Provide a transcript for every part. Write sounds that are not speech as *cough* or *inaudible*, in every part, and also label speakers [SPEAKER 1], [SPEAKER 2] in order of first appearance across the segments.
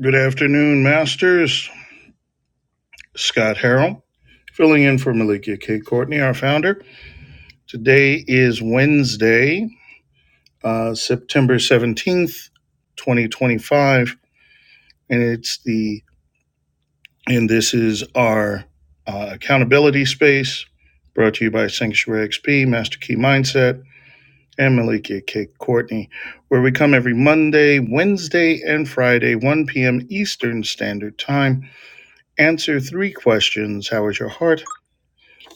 [SPEAKER 1] Good afternoon, Masters. Scott Harrell, filling in for Malikia K. Courtney, our founder. Today is Wednesday, uh, September 17th, 2025, and it's the and this is our uh, accountability space brought to you by Sanctuary XP, Master Key Mindset, and Malikia K. Courtney, where we come every Monday, Wednesday, and Friday, 1 p.m. Eastern Standard Time, answer three questions. How is your heart?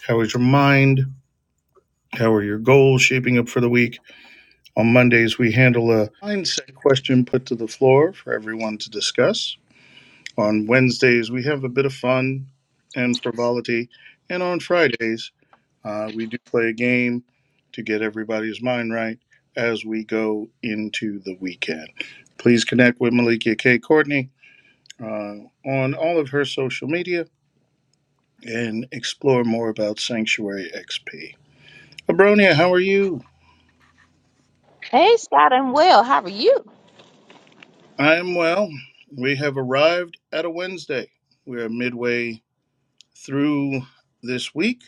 [SPEAKER 1] How is your mind? How are your goals shaping up for the week? On Mondays, we handle a mindset question put to the floor for everyone to discuss. On Wednesdays, we have a bit of fun and frivolity. And on Fridays, uh, we do play a game to get everybody's mind right as we go into the weekend. Please connect with Malikia K. Courtney uh, on all of her social media and explore more about Sanctuary XP. Abronia, how are you?
[SPEAKER 2] Hey Scott, I'm well. How are you?
[SPEAKER 1] I am well. We have arrived at a Wednesday. We are midway through this week,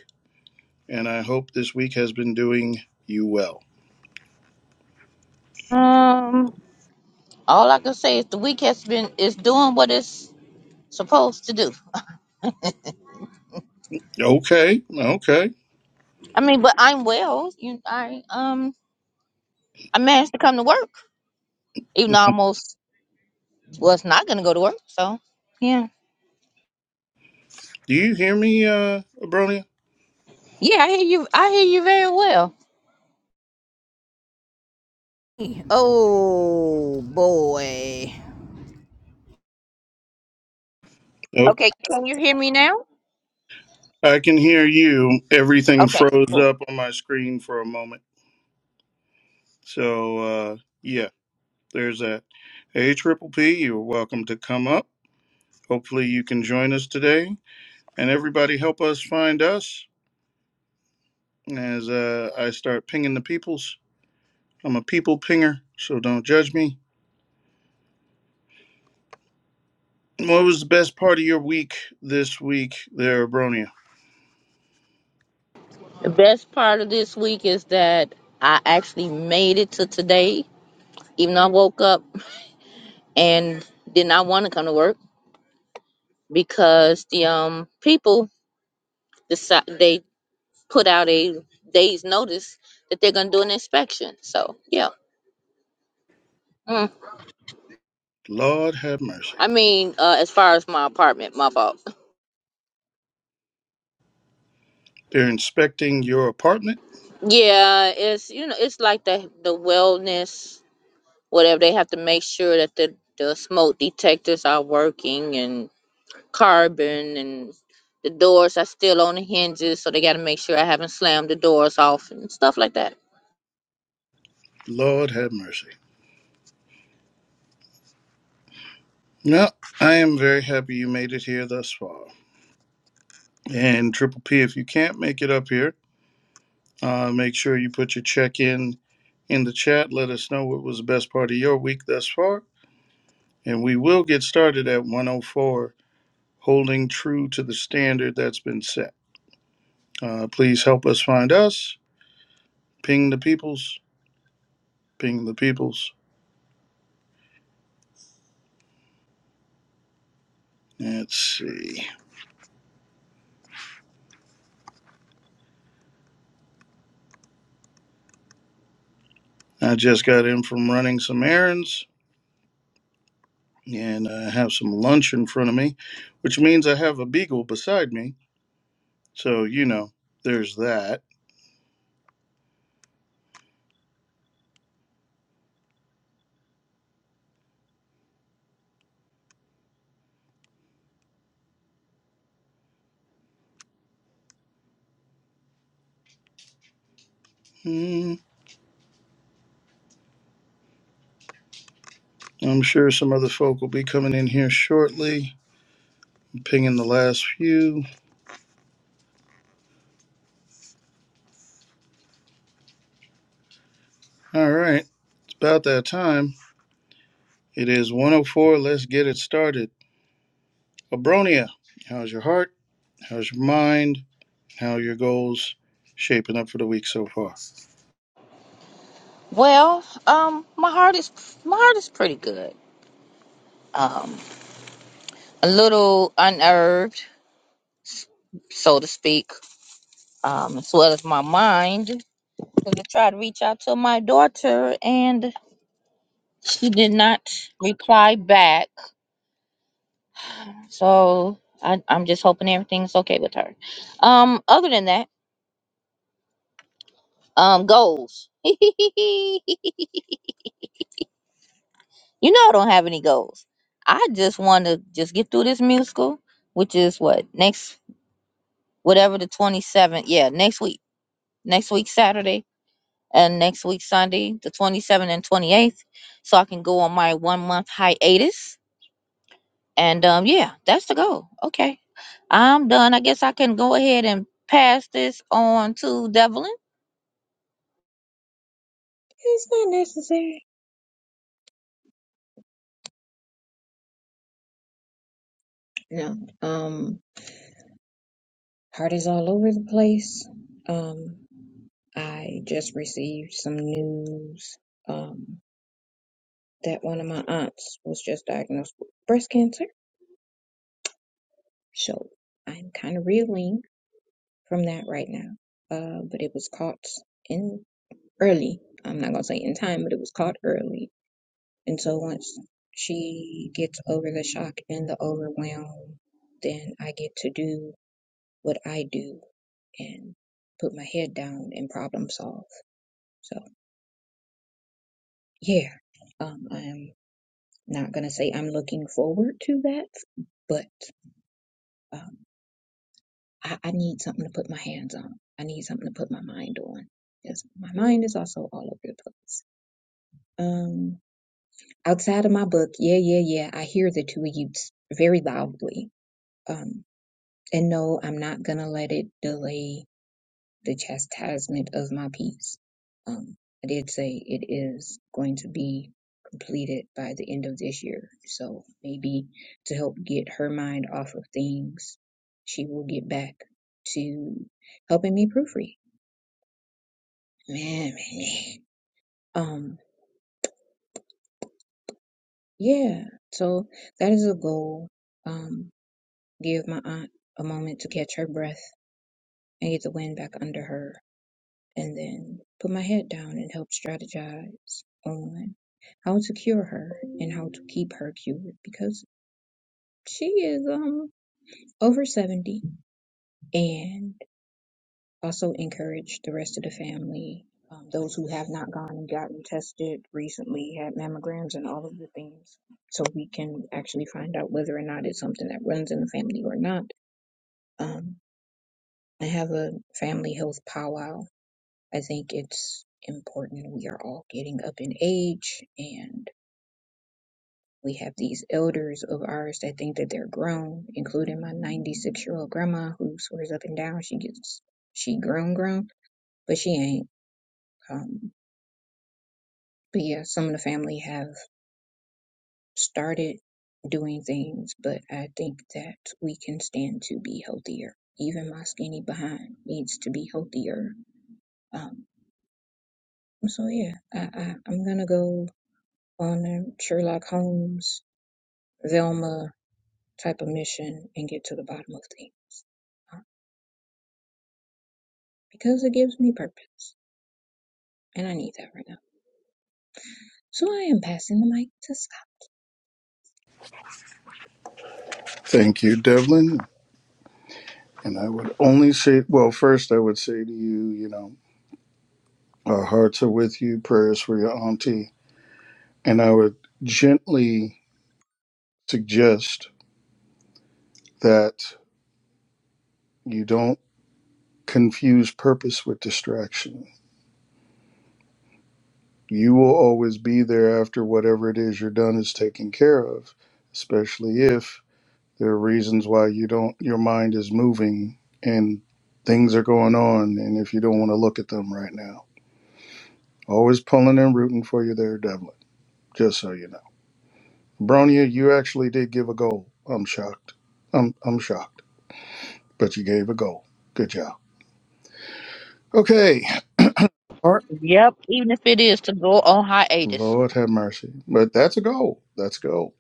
[SPEAKER 1] and I hope this week has been doing you well.
[SPEAKER 2] Um, all I can say is the week has been is doing what it's supposed to do.
[SPEAKER 1] Okay, okay.
[SPEAKER 2] I mean, but I'm well. You, I um, I managed to come to work, even though I almost was not gonna go to work. So, yeah,
[SPEAKER 1] Do you hear me, uh, Abronia?
[SPEAKER 2] yeah, I hear you. I hear you very well. Oh boy.
[SPEAKER 1] Oh,
[SPEAKER 2] Okay, can you hear me now?
[SPEAKER 1] I can hear you. Everything
[SPEAKER 2] Okay,
[SPEAKER 1] froze
[SPEAKER 2] cool.
[SPEAKER 1] up on my screen for a moment. So, uh, yeah, there's that. Hey, Triple P, you're welcome to come up. Hopefully, you can join us today. And everybody, help us find us as uh, I start pinging the peoples. I'm a people pinger, so don't judge me. What was the best part of your week this week there, Abronia?
[SPEAKER 2] The best part of this week is that I actually made it to today, even though I woke up. and did not want to come to work because the um people decide they put out a day's notice that they're gonna do an inspection. So yeah, mm.
[SPEAKER 1] Lord have mercy.
[SPEAKER 2] I mean, uh, as far as my apartment, my fault.
[SPEAKER 1] They're inspecting your apartment?
[SPEAKER 2] Yeah, it's you know it's like the the wellness whatever they have to make sure that the the smoke detectors are working and carbon and the doors are still on the hinges so they got to make sure i haven't slammed the doors off and stuff like that
[SPEAKER 1] Lord have mercy. No, I am very happy you made it here thus far. And Triple P, if you can't make it up here, uh, make sure you put your check in in the chat. Let us know what was the best part of your week thus far. And we will get started at 104, holding true to the standard that's been set. Uh, please help us find us Ping the peoples. Ping the peoples. Let's see. I just got in from running some errands and I have some lunch in front of me, which means I have a beagle beside me. So, you know, there's that. Hmm, I'm sure some other folk will be coming in here shortly. I'm Pinging the last few. All right. It's about that time. It is 104. Let's get it started. Abronia, how's your heart? How's your mind? How are your goals shaping up for the week so far?
[SPEAKER 2] Well, um, my heart is my heart is pretty good. Um, a little unnerved, so to speak, um, as well as my mind. 'cause I tried to reach out to my daughter, and she did not reply back. So I, I'm just hoping everything's okay with her. Um, other than that, um, goals. *laughs* you know, I don't have any goals. I just want to just get through this musical, which is what next whatever the 27th yeah next week next week saturday and next week sunday the 27th and 28th so i can go on my one month hiatus and um yeah that's the goal okay i'm done i guess i can go ahead and pass this on to devlin
[SPEAKER 3] It's not necessary. No. Um, heart is all over the place. Um, I just received some news um, that one of my aunts was just diagnosed with breast cancer. So I'm kind of reeling from that right now. Uh, but it was caught in early. I'm not gonna say in time, but it was caught early. And so once she gets over the shock and the overwhelm, then I get to do what I do and put my head down and problem solve. So yeah, um, I'm not gonna say I'm looking forward to that, but um, I, I need something to put my hands on. I need something to put my mind on because my mind is also all over the place. Um, outside of my book, yeah, yeah, yeah, I hear the two of you very loudly. Um, and no, I'm not gonna let it delay the chastisement of my peace. Um, I did say it is going to be completed by the end of this year. So maybe to help get her mind off of things, she will get back to helping me proofread. Man, man, man. Um, yeah. So that is a goal. Um, give my aunt a moment to catch her breath and get the wind back under her and then put my head down and help strategize on how to cure her and how to keep her cured because she is um over 70 and also encourage the rest of the family um, those who have not gone and gotten tested recently had mammograms and all of the things so we can actually find out whether or not it's something that runs in the family or not um, I have a family health powwow I think it's important. We are all getting up in age and we have these elders of ours that think that they're grown, including my 96 year old grandma who swears up and down she gets, she grown, grown, but she ain't. Um, but yeah, some of the family have started doing things, but I think that we can stand to be healthier. Even my skinny behind needs to be healthier. Um, so yeah, I, I, I'm gonna go on a Sherlock Holmes Zelma type of mission and get to the bottom of things. Uh, Because it gives me purpose. And I need that right now. So I am passing the mic to Scott.
[SPEAKER 1] Thank you, Devlin. And I would only say, well, first I would say to you, you know, our hearts are with you, prayers for your auntie. And I would gently suggest that you don't confuse purpose with distraction. You will always be there after whatever it is you're done is taken care of, especially if there are reasons why you don't, your mind is moving and things are going on. And if you don't want to look at them right now, always pulling and rooting for you there, Devlin. Just so you know, Bronya, you actually did give a goal. I'm shocked. I'm I'm shocked. But you gave a goal. Good job. Okay. All right.
[SPEAKER 2] Yep. even if it is to go on hiatus
[SPEAKER 1] Lord have mercy. But that's a goal. That's a goal.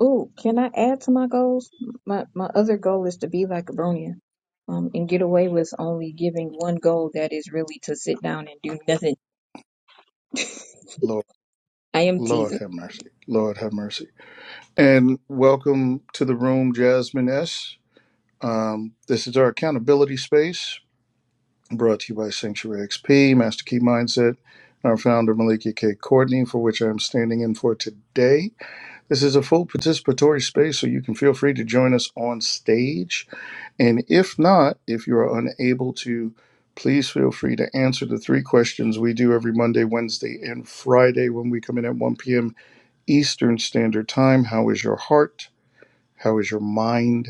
[SPEAKER 3] Ooh, can I add to my goals? My my other goal is to be like a Brunia. Um, and get away with only giving one goal that is really to sit down and do nothing. *laughs*
[SPEAKER 1] Lord,
[SPEAKER 3] I am
[SPEAKER 1] Lord
[SPEAKER 3] teasing.
[SPEAKER 1] have mercy. Lord have mercy. And welcome to the room, Jasmine S. Um, this is our accountability space brought to you by Sanctuary XP, Master Key Mindset, and our founder, Malika K. Courtney, for which I'm standing in for today. This is a full participatory space, so you can feel free to join us on stage. And if not, if you are unable to, please feel free to answer the three questions we do every Monday, Wednesday, and Friday when we come in at 1 p.m. Eastern Standard Time. How is your heart? How is your mind?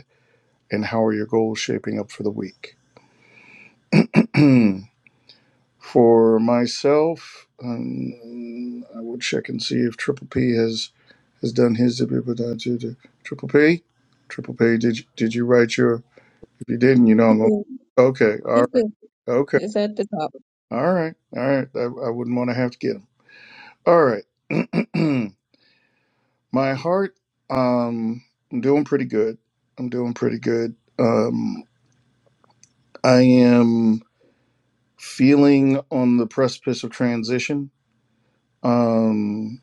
[SPEAKER 1] And how are your goals shaping up for the week? *clears throat* For myself, um, I will check and see if Triple P has has done his to people down to the triple P. Triple P, did you, did you write your? If you didn't, you know
[SPEAKER 3] He
[SPEAKER 1] I'm going.
[SPEAKER 3] can,
[SPEAKER 1] Okay,
[SPEAKER 3] he
[SPEAKER 1] all right,
[SPEAKER 3] can,
[SPEAKER 1] okay,
[SPEAKER 3] it's at the top.
[SPEAKER 1] all right, all right. I, I wouldn't want to have to get him. All right, *clears throat* my heart. Um, I'm doing pretty good. I'm doing pretty good. Um, I am feeling on the precipice of transition. Um,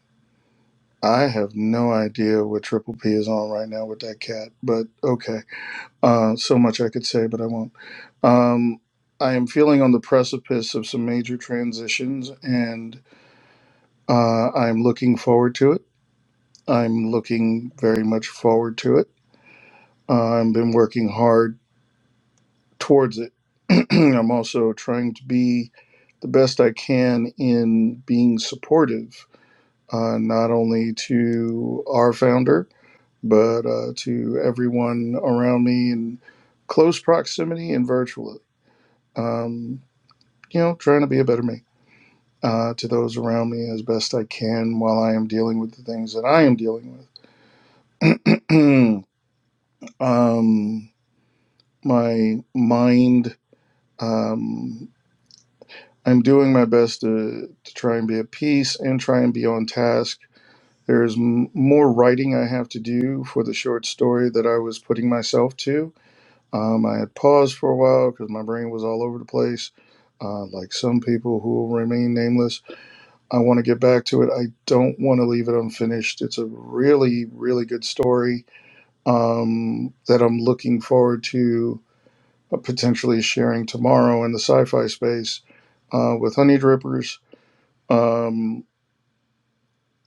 [SPEAKER 1] I have no idea what Triple P is on right now with that cat, but okay. Uh, so much I could say, but I won't. Um, I am feeling on the precipice of some major transitions, and uh, I'm looking forward to it. I'm looking very much forward to it. Uh, I've been working hard towards it. *clears throat* I'm also trying to be the best I can in being supportive, uh, not only to our founder, but uh, to everyone around me in close proximity and virtually. Um, you know, trying to be a better me. uh, to those around me as best I can while I am dealing with the things that I am dealing with. *clears throat* um, my mind, um, I'm doing my best to, to try and be at peace and try and be on task. There's m- more writing I have to do for the short story that I was putting myself to. Um, I had paused for a while because my brain was all over the place, uh, like some people who will remain nameless I want to get back to it. I don't want to leave it unfinished. It's a really, really good story um, that I'm looking forward to uh, potentially sharing tomorrow in the sci fi space uh, with Honey Drippers. Um,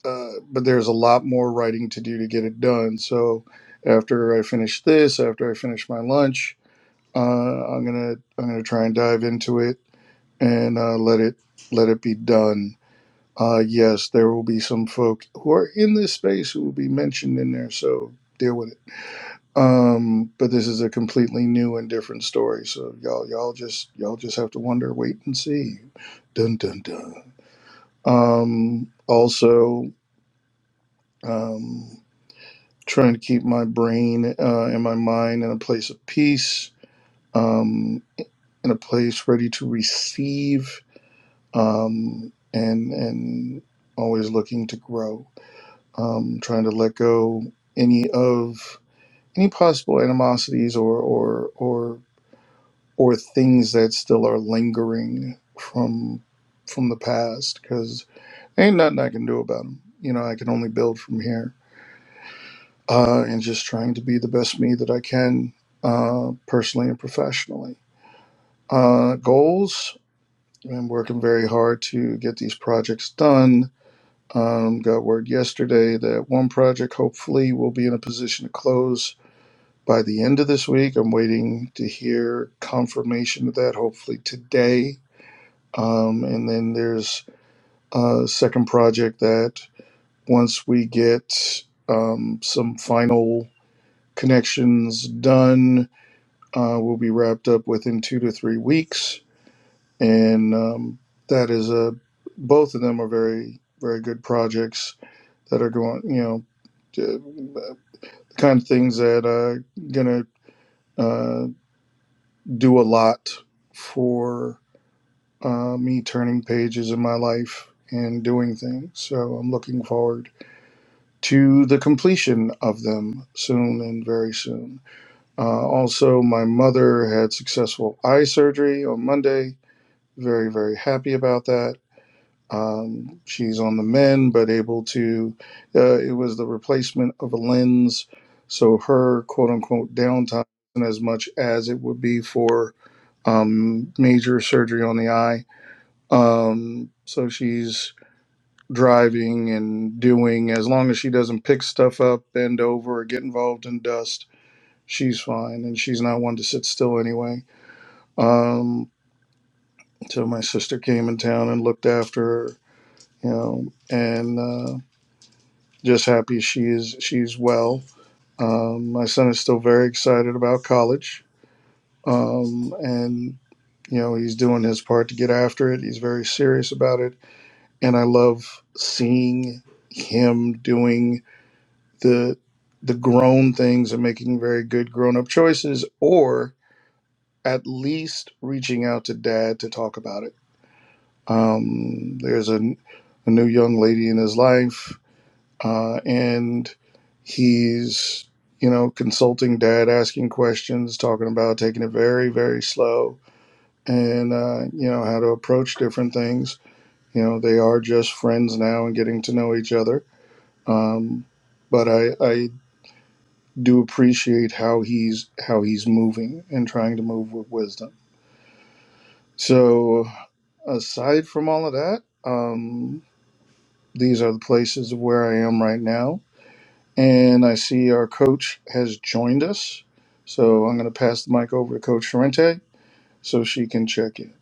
[SPEAKER 1] uh, but there's a lot more writing to do to get it done. So after I finish this, after I finish my lunch, uh, I'm gonna I'm gonna try and dive into it and uh, let it let it be done Uh, yes, there will be some folk who are in this space who will be mentioned in there, so deal with it. Um, but this is a completely new and different story, so y'all, y'all just, y'all just have to wonder, wait and see. Dun dun dun. Um, also, um, trying to keep my brain uh, and my mind in a place of peace, um, in a place ready to receive, um, and and always looking to grow um, trying to let go any of any possible animosities or or or or things that still are lingering from from the past because ain't nothing I can do about them. You know, I can only build from here, uh, and just trying to be the best me that I can, uh, personally and professionally. Uh, goals. I'm working very hard to get these projects done. Um, got word yesterday that one project hopefully will be in a position to close By the end of this week, I'm waiting to hear confirmation of that, hopefully today. Um, and then there's a second project that once we get um, some final connections done, uh, will be wrapped up within two to three weeks. And um, that is a, both of them are very, very good projects that are going, you know, to, uh, the kind of things that are going to uh, do a lot for uh, me turning pages in my life and doing things. So I'm looking forward to the completion of them soon and very soon. Uh, also, my mother had successful eye surgery on Monday. Very, very happy about that. Um, she's on the mend, but able to, uh, it was the replacement of a lens. So her quote unquote downtime isn't as much as it would be for um, major surgery on the eye. Um, so she's driving and doing, as long as she doesn't pick stuff up, bend over, or get involved in dust, she's fine. And she's not one to sit still anyway. Um, so my sister came in town and looked after her, you know, and uh, just happy she is she's well. Um, my son is still very excited about college, um, and you know he's doing his part to get after it. He's very serious about it and I love seeing him doing the the grown things and making very good grown up choices, or at least reaching out to dad to talk about it. Um, there's a, a new young lady in his life, uh, and he's you know consulting dad, asking questions, talking about taking it very very slow, and uh, you know how to approach different things. You know they are just friends now and getting to know each other Um, but I, I do appreciate how he's how he's moving and trying to move with wisdom. So aside from all of that, um, these are the places of where I am right now, and I see our coach has joined us. So I'm going to pass the mic over to Coach Sorrente so she can check in.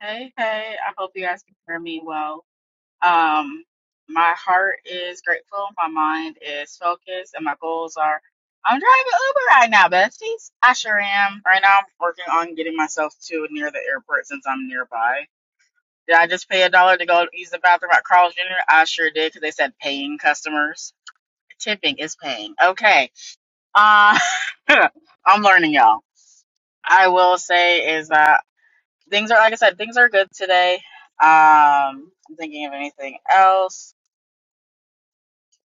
[SPEAKER 4] Hey, hey, I hope you guys can hear me well. Um, my heart is grateful, my mind is focused, and my goals are I'm driving Uber right now, besties. I sure am. Right now, I'm working on getting myself to near the airport since I'm nearby. Did I just pay a dollar to go use the bathroom at Carl's Jr.? I sure did because they said paying customers. Tipping is paying. Okay. Uh, *laughs* I'm learning, y'all. I will say is that. Things are, like I said, things are good today. Um, I'm thinking of anything else.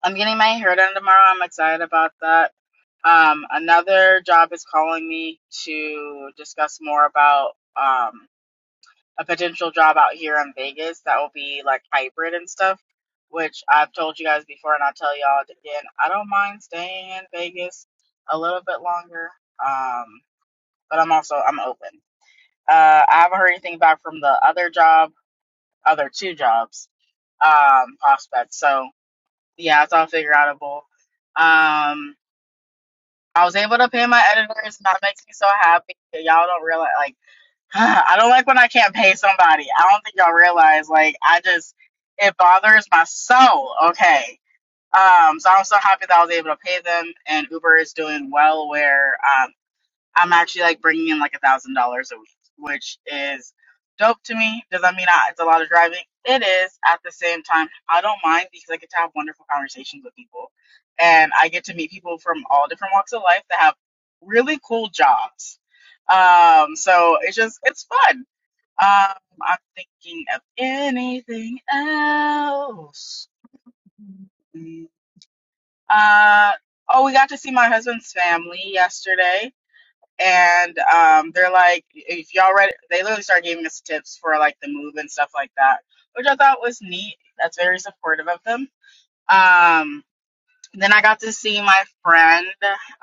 [SPEAKER 4] I'm getting my hair done tomorrow. I'm excited about that. Um, another job is calling me to discuss more about um, a potential job out here in Vegas that will be like hybrid and stuff, which I've told you guys before, and I'll tell y'all again. I don't mind staying in Vegas a little bit longer, um, but I'm also I'm open. Uh, I haven't heard anything back from the other job other two jobs um, prospects. So yeah, it's all figure outable. Um, I was able to pay my editors, and that makes me so happy. Y'all don't realize, like, *sighs* I don't like when I can't pay somebody. I don't think y'all realize, like, I just it bothers my soul. Okay. Um, so I'm so happy that I was able to pay them, and Uber is doing well. Where uh, I'm actually like bringing in like a thousand dollars a week, which is dope to me. Does that mean I, it's a lot of driving? It is. At the same time, I don't mind because I get to have wonderful conversations with people, and I get to meet people from all different walks of life that have really cool jobs. Um, so it's just it's fun. Um, I'm thinking of anything else. Uh, oh, we got to see my husband's family yesterday and um, they're like, if y'all read, they literally started giving us tips for like the move and stuff like that, which I thought was neat. That's very supportive of them. Um, then I got to see my friend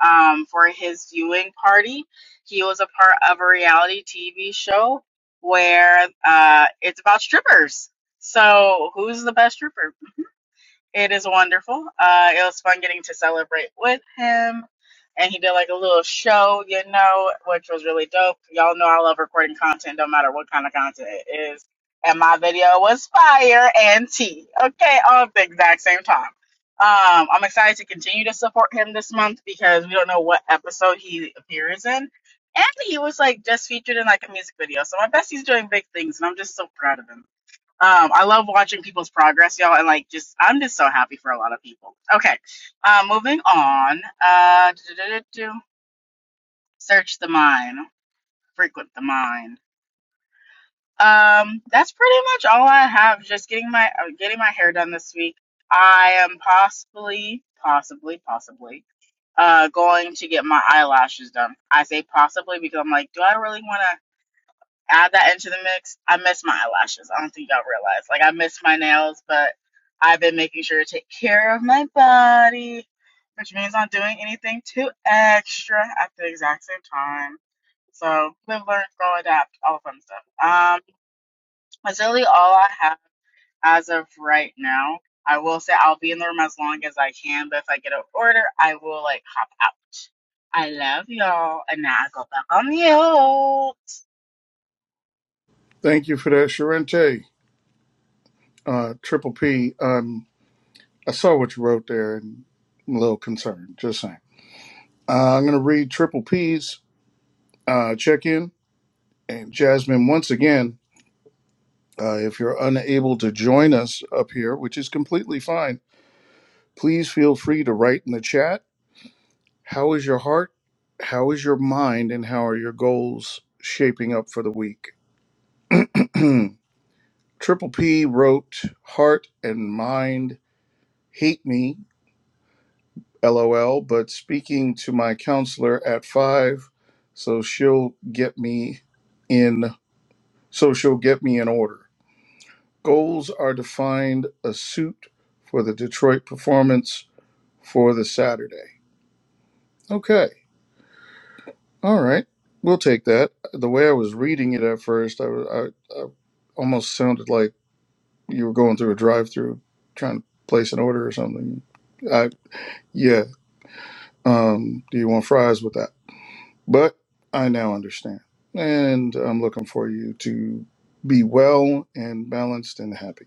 [SPEAKER 4] um, for his viewing party. He was a part of a reality TV show where uh, it's about strippers. So, who's the best stripper? It is wonderful. Uh, it was fun getting to celebrate with him. And he did like a little show, you know, which was really dope. Y'all know I love recording content, no matter what kind of content it is. And my video was fire and tea. Okay, all at the exact same time. Um, I'm excited to continue to support him this month because we don't know what episode he appears in. And he was like just featured in like a music video. So my bestie's doing big things and I'm just so proud of him. Um, I love watching people's progress, y'all, and like just I'm just so happy for a lot of people. Okay, uh, moving on. Uh, search the mind, frequent the mind. Um, that's pretty much all I have. Just getting my uh, getting my hair done this week. I am possibly, possibly, possibly uh going to get my eyelashes done. I say possibly because I'm like, do I really want to? add that into the mix. I miss my eyelashes. I don't think y'all realize. Like I miss my nails, but I've been making sure to take care of my body, which means not doing anything too extra at the exact same time. So live, learn, grow, adapt, all the fun stuff. Um, that's really all I have as of right now. I will say I'll be in the room as long as I can, but if I get an order, I will like hop out. I love y'all, and now I go back on mute.
[SPEAKER 1] Thank you for that, Sorrente. Uh, Triple P, um, I saw what you wrote there and I'm a little concerned. Just saying. Uh, I'm going to read Triple P's uh, check in And Jasmine, once again, uh, if you're unable to join us up here, which is completely fine, please feel free to write in the chat. How is your heart? How is your mind? And how are your goals shaping up for the week? *clears throat* Triple P wrote, Heart and mind hate me, lol, but speaking to my counselor at five, so she'll get me in. So she'll get me in order. Goals are defined a suit for the Detroit performance for the Saturday. Okay, all right, we'll take that. The way I was reading it at first, I, I, I almost sounded like you were going through a drive-through trying to place an order or something. I yeah. Um, do you want fries with that? But I now understand, and I'm looking for you to be well and balanced and happy.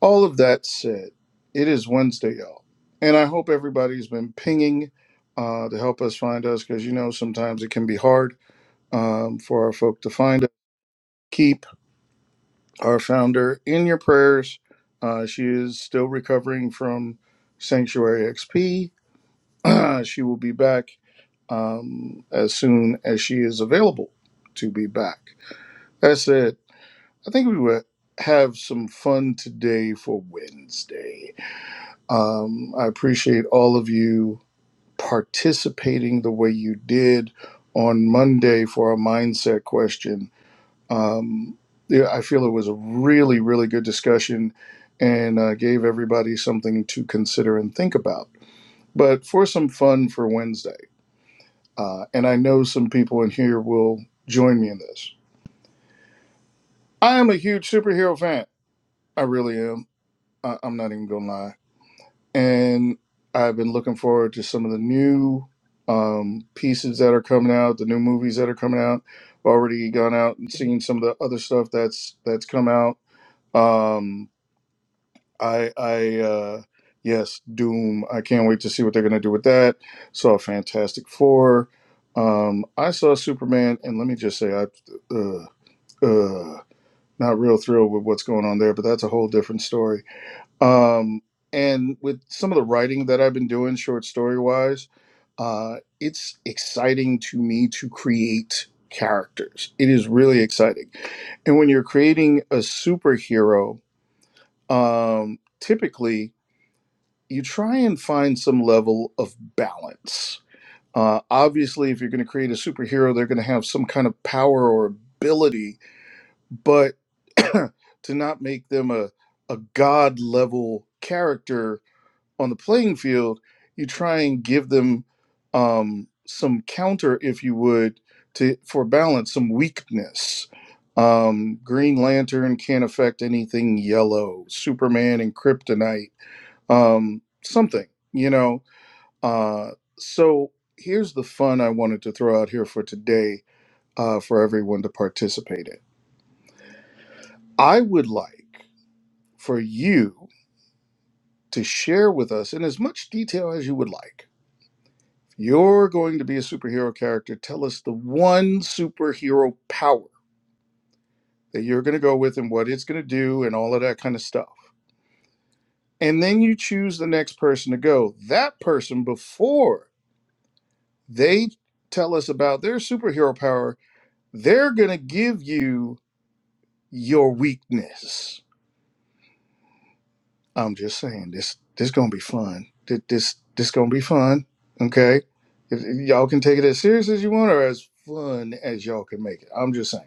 [SPEAKER 1] All of that said, it is Wednesday, y'all. And I hope everybody's been pinging uh, to help us find us because you know sometimes it can be hard um, for our folk to find us. Keep our founder in your prayers. Uh, she is still recovering from Sanctuary XP. *clears throat* she will be back um, as soon as she is available to be back. That said, I think we will have some fun today for Wednesday. Um, I appreciate all of you participating the way you did on Monday for our mindset question. Um, yeah, I feel it was a really, really good discussion and uh, gave everybody something to consider and think about. But for some fun for Wednesday, uh, and I know some people in here will join me in this. I am a huge superhero fan. I really am. I- I'm not even gonna lie. and I've been looking forward to some of the new um, pieces that are coming out, the new movies that are coming out. Already gone out and seen some of the other stuff that's that's come out. Um, I, I, uh, yes, Doom. I can't wait to see what they're gonna do with that. Saw Fantastic Four. Um, I saw Superman, and let me just say, I, uh, uh, not real thrilled with what's going on there, but that's a whole different story um, and with some of the writing that I've been doing, short story wise, uh, it's exciting to me to create characters. It is really exciting. And when you're creating a superhero, um, typically you try and find some level of balance. Uh, obviously, if you're going to create a superhero, they're going to have some kind of power or ability, but *clears throat* to not make them a, a god level character on the playing field, you try and give them um, some counter, if you would, to for balance, some weakness. Um, Green Lantern can't affect anything yellow. Superman and Kryptonite, um, something, you know. Uh, so here's the fun I wanted to throw out here for today uh, for everyone to participate in. I would like for you to share with us in as much detail as you would like You're going to be a superhero character. Tell us the one superhero power that you're going to go with and what it's going to do and all of that kind of stuff. And then you choose the next person to go. That person, before they tell us about their superhero power, they're going to give you your weakness. I'm just saying this this going to be fun. Th- This this going to be fun, okay? If- if Y'all can take it as serious as you want or as fun as y'all can make it. I'm just saying.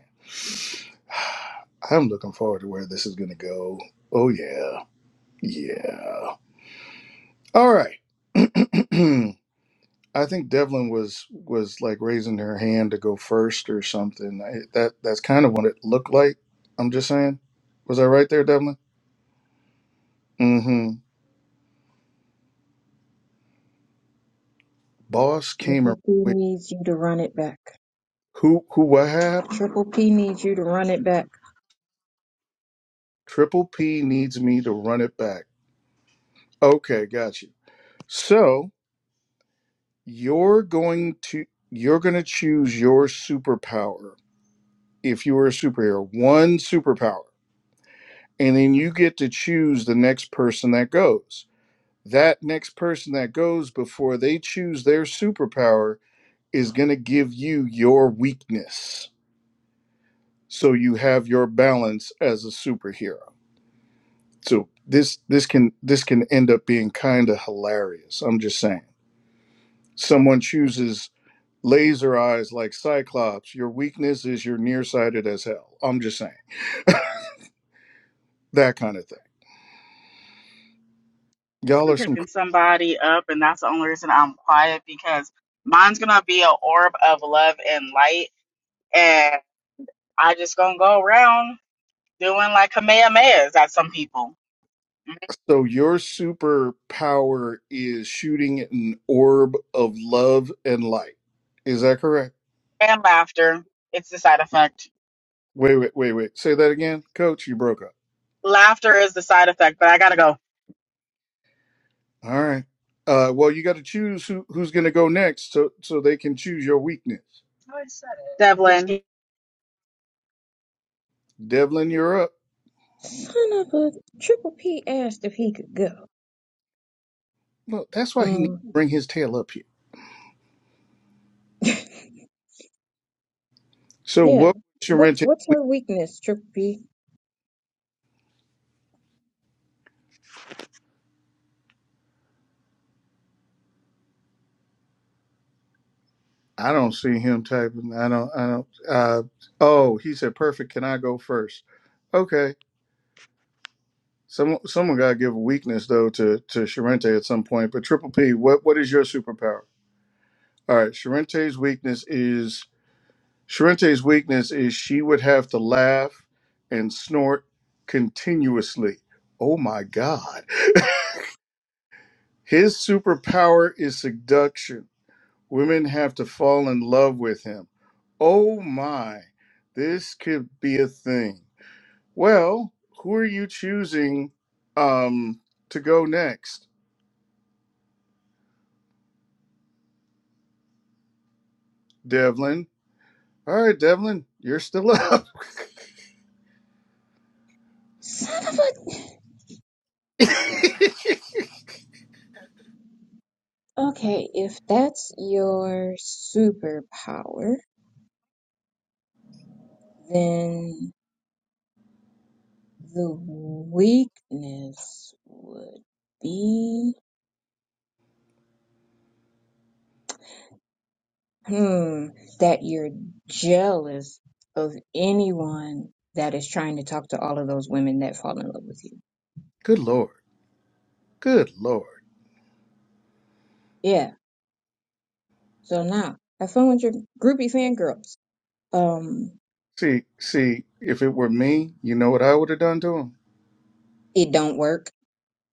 [SPEAKER 1] I'm looking forward to where this is going to go. Oh, yeah. Yeah. All right. *clears throat* I think Devlin was was like raising her hand to go first or something. I, that that's kind of what it looked like. I'm just saying. Was I right there, Devlin? Mm-hmm. Boss came
[SPEAKER 3] Triple
[SPEAKER 1] around.
[SPEAKER 3] P
[SPEAKER 1] Wait,
[SPEAKER 3] needs you to run it back.
[SPEAKER 1] who who what happened?
[SPEAKER 3] Triple P needs you to run it back.
[SPEAKER 1] Triple P needs me to run it back. Okay, got you. So you're going to you're going to choose your superpower if you were a superhero, one superpower, and then you get to choose the next person that goes. That next person that goes before they choose their superpower is going to give you your weakness. So you have your balance as a superhero. So this this can this can end up being kind of hilarious. I'm just saying. Someone chooses laser eyes like Cyclops. Your weakness is you're nearsighted as hell. I'm just saying *laughs* that kind of thing. Y'all are some
[SPEAKER 4] picking somebody up, and that's the only reason I'm quiet because mine's gonna be an orb of love and light, and I just gonna go around doing like kamehamehas at some people.
[SPEAKER 1] So your superpower is shooting an orb of love and light. Is that correct?
[SPEAKER 4] And laughter, it's the side effect.
[SPEAKER 1] Wait, wait, wait, wait. Say that again, Coach. You broke up.
[SPEAKER 4] Laughter is the side effect, but I gotta go.
[SPEAKER 1] All right. Uh, well, you got to choose who, who's going to go next, so so they can choose your weakness.
[SPEAKER 4] No, I said it. Devlin,
[SPEAKER 1] Devlin, you're up.
[SPEAKER 3] Son of a, Triple P asked if he could go.
[SPEAKER 1] Look, that's why he needs to
[SPEAKER 3] Um,
[SPEAKER 1] bring his tail up here.
[SPEAKER 3] *laughs*
[SPEAKER 1] So
[SPEAKER 3] yeah.
[SPEAKER 1] what was
[SPEAKER 3] What,
[SPEAKER 1] Sharente?
[SPEAKER 3] what's her weakness, Triple P?
[SPEAKER 1] I don't see him typing. I don't. I don't. Uh, oh, he said perfect. Can I go first? Okay. Some someone gotta give a weakness though to to Sharente at some point. But Triple P, what what is your superpower? All right, Sharente's weakness is Sharente's weakness is she would have to laugh and snort continuously. Oh my God. *laughs* His superpower is seduction. Women have to fall in love with him. Oh my, this could be a thing. Well, who are you choosing um to go next? Devlin, All right, Devlin, you're still up.
[SPEAKER 3] Son of a,
[SPEAKER 1] *laughs*
[SPEAKER 3] okay, if that's your superpower, then the weakness would be hmm that you're jealous of anyone that is trying to talk to all of those women that fall in love with you.
[SPEAKER 1] Good lord. Good lord.
[SPEAKER 3] Yeah. So now have fun with your groupie fangirls. Um
[SPEAKER 1] See, see, if it were me, you know what I would have done to him?
[SPEAKER 3] it don't work.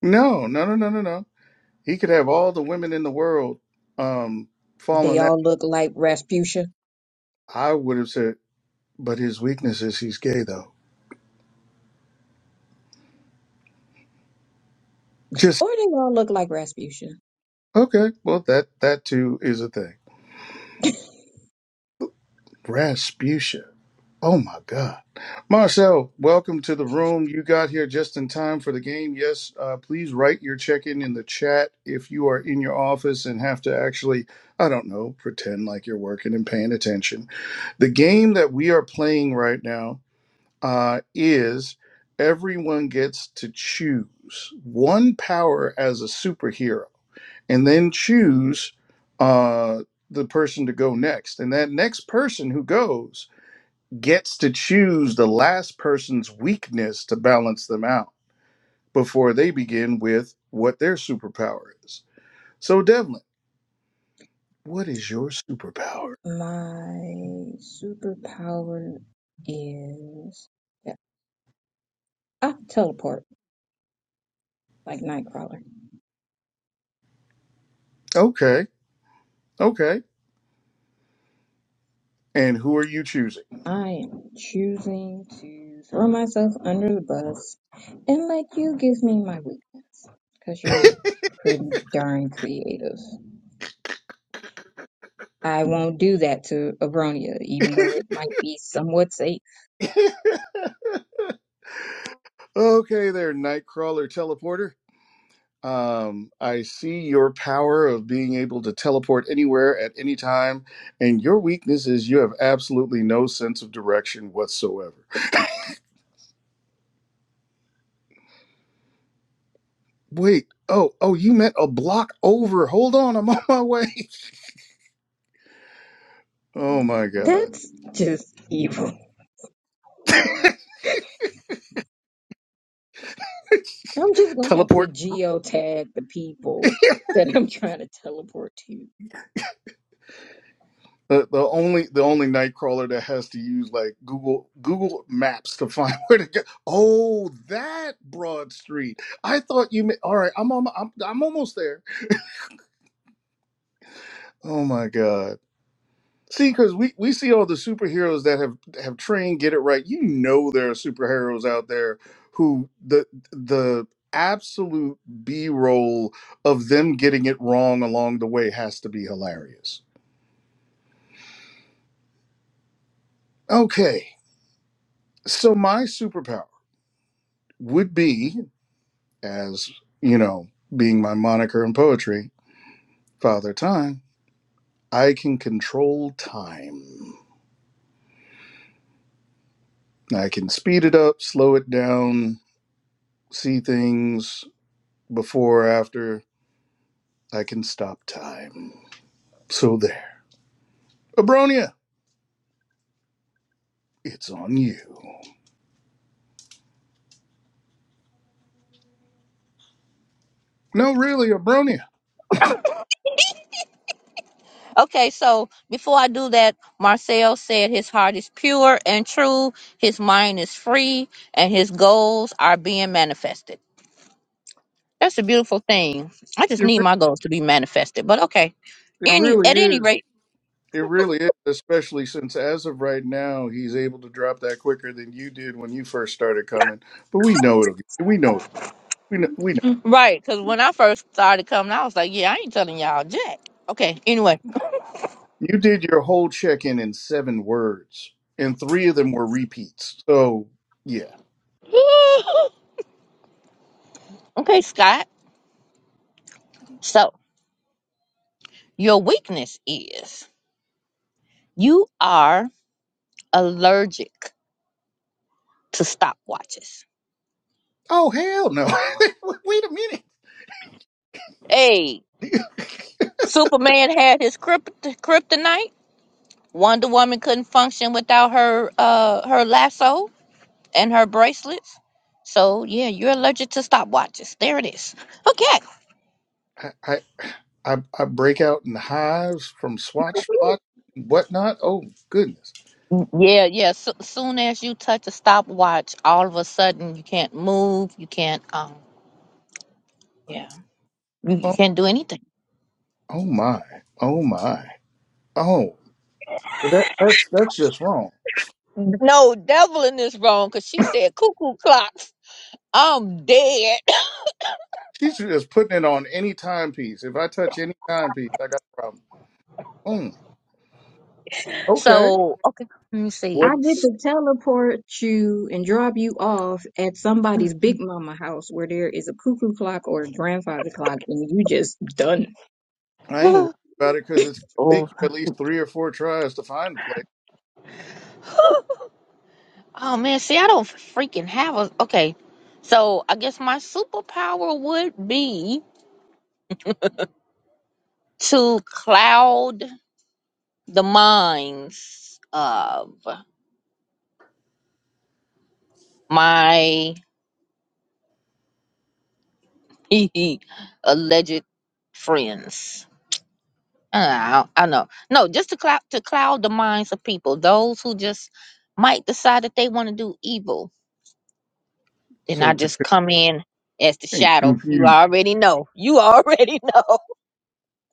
[SPEAKER 1] No, no, no, no, no, no. He could have all the women in the world um
[SPEAKER 3] They
[SPEAKER 1] falling that
[SPEAKER 3] all look like Rasputia.
[SPEAKER 1] I would have said, but his weakness is he's gay though. Just
[SPEAKER 3] Or they all look like Rasputia.
[SPEAKER 1] okay, well that that too is a thing. Rasputia. Oh my God. Marcel, welcome to the room. You got here just in time for the game. Yes, uh, please write your check in in the chat if you are in your office and have to actually, I don't know, pretend like you're working and paying attention. The game that we are playing right now uh, is everyone gets to choose one power as a superhero and then choose uh, the person to go next. And that next person who goes gets to choose the last person's weakness to balance them out before they begin with what their superpower is. So, Devlin, what is your superpower?
[SPEAKER 3] *laughs* My superpower is yeah, I teleport like Nightcrawler.
[SPEAKER 1] Okay, okay. And who are you choosing?
[SPEAKER 3] I am choosing to throw myself under the bus and let you give me my weakness because you're pretty darn creative. I won't do that to Abronia, even though it might be somewhat safe.
[SPEAKER 1] *laughs* okay, there, Nightcrawler teleporter. Um, I see your power of being able to teleport anywhere at any time, and your weakness is you have absolutely no sense of direction whatsoever. Wait, oh, oh, you meant a block over. Hold on, I'm on my way. *laughs* Oh my god.
[SPEAKER 3] That's just evil.
[SPEAKER 1] *laughs*
[SPEAKER 3] I'm just gonna have to
[SPEAKER 1] Teleport. *laughs*
[SPEAKER 3] geotag the people that I'm trying to teleport to.
[SPEAKER 1] The, the only the only nightcrawler that has to use like Google Google Maps to find *laughs* where to go. Oh, that broad street. I thought you. meant All right, I'm on. I'm I'm almost there. Oh my god. See, because we, we see all the superheroes that have have trained, get it right. You know there are superheroes out there who the the absolute B roll of them getting it wrong along the way has to be hilarious. Okay So my superpower would be, as you know, being my moniker in poetry, Father Time. I can control time. I can speed it up, slow it down, see things before or after. I can stop time. So there, Abronia, it's on you. No, really, Abronia,
[SPEAKER 2] okay so before i do that marcel said his heart is pure and true his mind is free and his goals are being manifested That's a beautiful thing. I just
[SPEAKER 1] it,
[SPEAKER 2] need
[SPEAKER 1] re-
[SPEAKER 2] my goals to be manifested. But okay.
[SPEAKER 1] it
[SPEAKER 2] Any
[SPEAKER 1] really
[SPEAKER 2] at any
[SPEAKER 1] is
[SPEAKER 2] rate,
[SPEAKER 1] It really is, especially since as of right now, he's able to drop that quicker than you did when you first started coming. But we know it'll. We know. It. We know. We know.
[SPEAKER 2] right? Because when I first started coming, I was like, "Yeah, I ain't telling y'all jack." Okay. Anyway.
[SPEAKER 1] You did your whole check-in in seven words, and three of them were repeats. So yeah.
[SPEAKER 2] *laughs* okay, Scott. So your weakness is you are allergic to stopwatches.
[SPEAKER 1] Oh hell no! *laughs* Wait a minute.
[SPEAKER 2] Hey, Superman had his krypt- kryptonite. Wonder Woman couldn't function without her uh her lasso and her bracelets. So yeah, you're allergic to stopwatches. There it is. *laughs* Okay.
[SPEAKER 1] I, I I I break out in hives from swatch swatch and whatnot. Oh goodness.
[SPEAKER 2] Mm, Yeah, yeah. So, soon as you touch a stopwatch, all of a sudden you can't move. You can't. Um. Yeah. You, you
[SPEAKER 1] Oh
[SPEAKER 2] can't do anything.
[SPEAKER 1] oh my. Oh my. Oh that that's that's just wrong.
[SPEAKER 2] No devil in this wrong because she said cuckoo clocks. I'm dead. *coughs*
[SPEAKER 1] She's just putting it on any timepiece. If I touch any timepiece, I got a problem. Mm, okay.
[SPEAKER 2] So okay. Let me
[SPEAKER 3] I
[SPEAKER 1] What?
[SPEAKER 2] see.
[SPEAKER 3] get to teleport you and drop you off at somebody's big mama house where there is a cuckoo clock or a grandfather clock and you just done.
[SPEAKER 2] *sighs*
[SPEAKER 1] I ain't worried
[SPEAKER 2] oh.
[SPEAKER 1] about it because it's going to
[SPEAKER 2] Oh
[SPEAKER 1] take
[SPEAKER 3] *laughs*
[SPEAKER 1] you at least three or four tries to find a place.
[SPEAKER 2] man. See, I don't freaking have a. Okay. So I guess my superpower would be to cloud the minds of my *laughs* alleged friends. Uh, I, I know. No, just to cloud to cloud the minds of people. Those who just might decide that they want to do evil. Then
[SPEAKER 1] So
[SPEAKER 2] I
[SPEAKER 1] to
[SPEAKER 2] just
[SPEAKER 1] con-
[SPEAKER 2] come in as the
[SPEAKER 1] and
[SPEAKER 2] shadow. You
[SPEAKER 1] confuse,
[SPEAKER 2] already know. You already *laughs* know.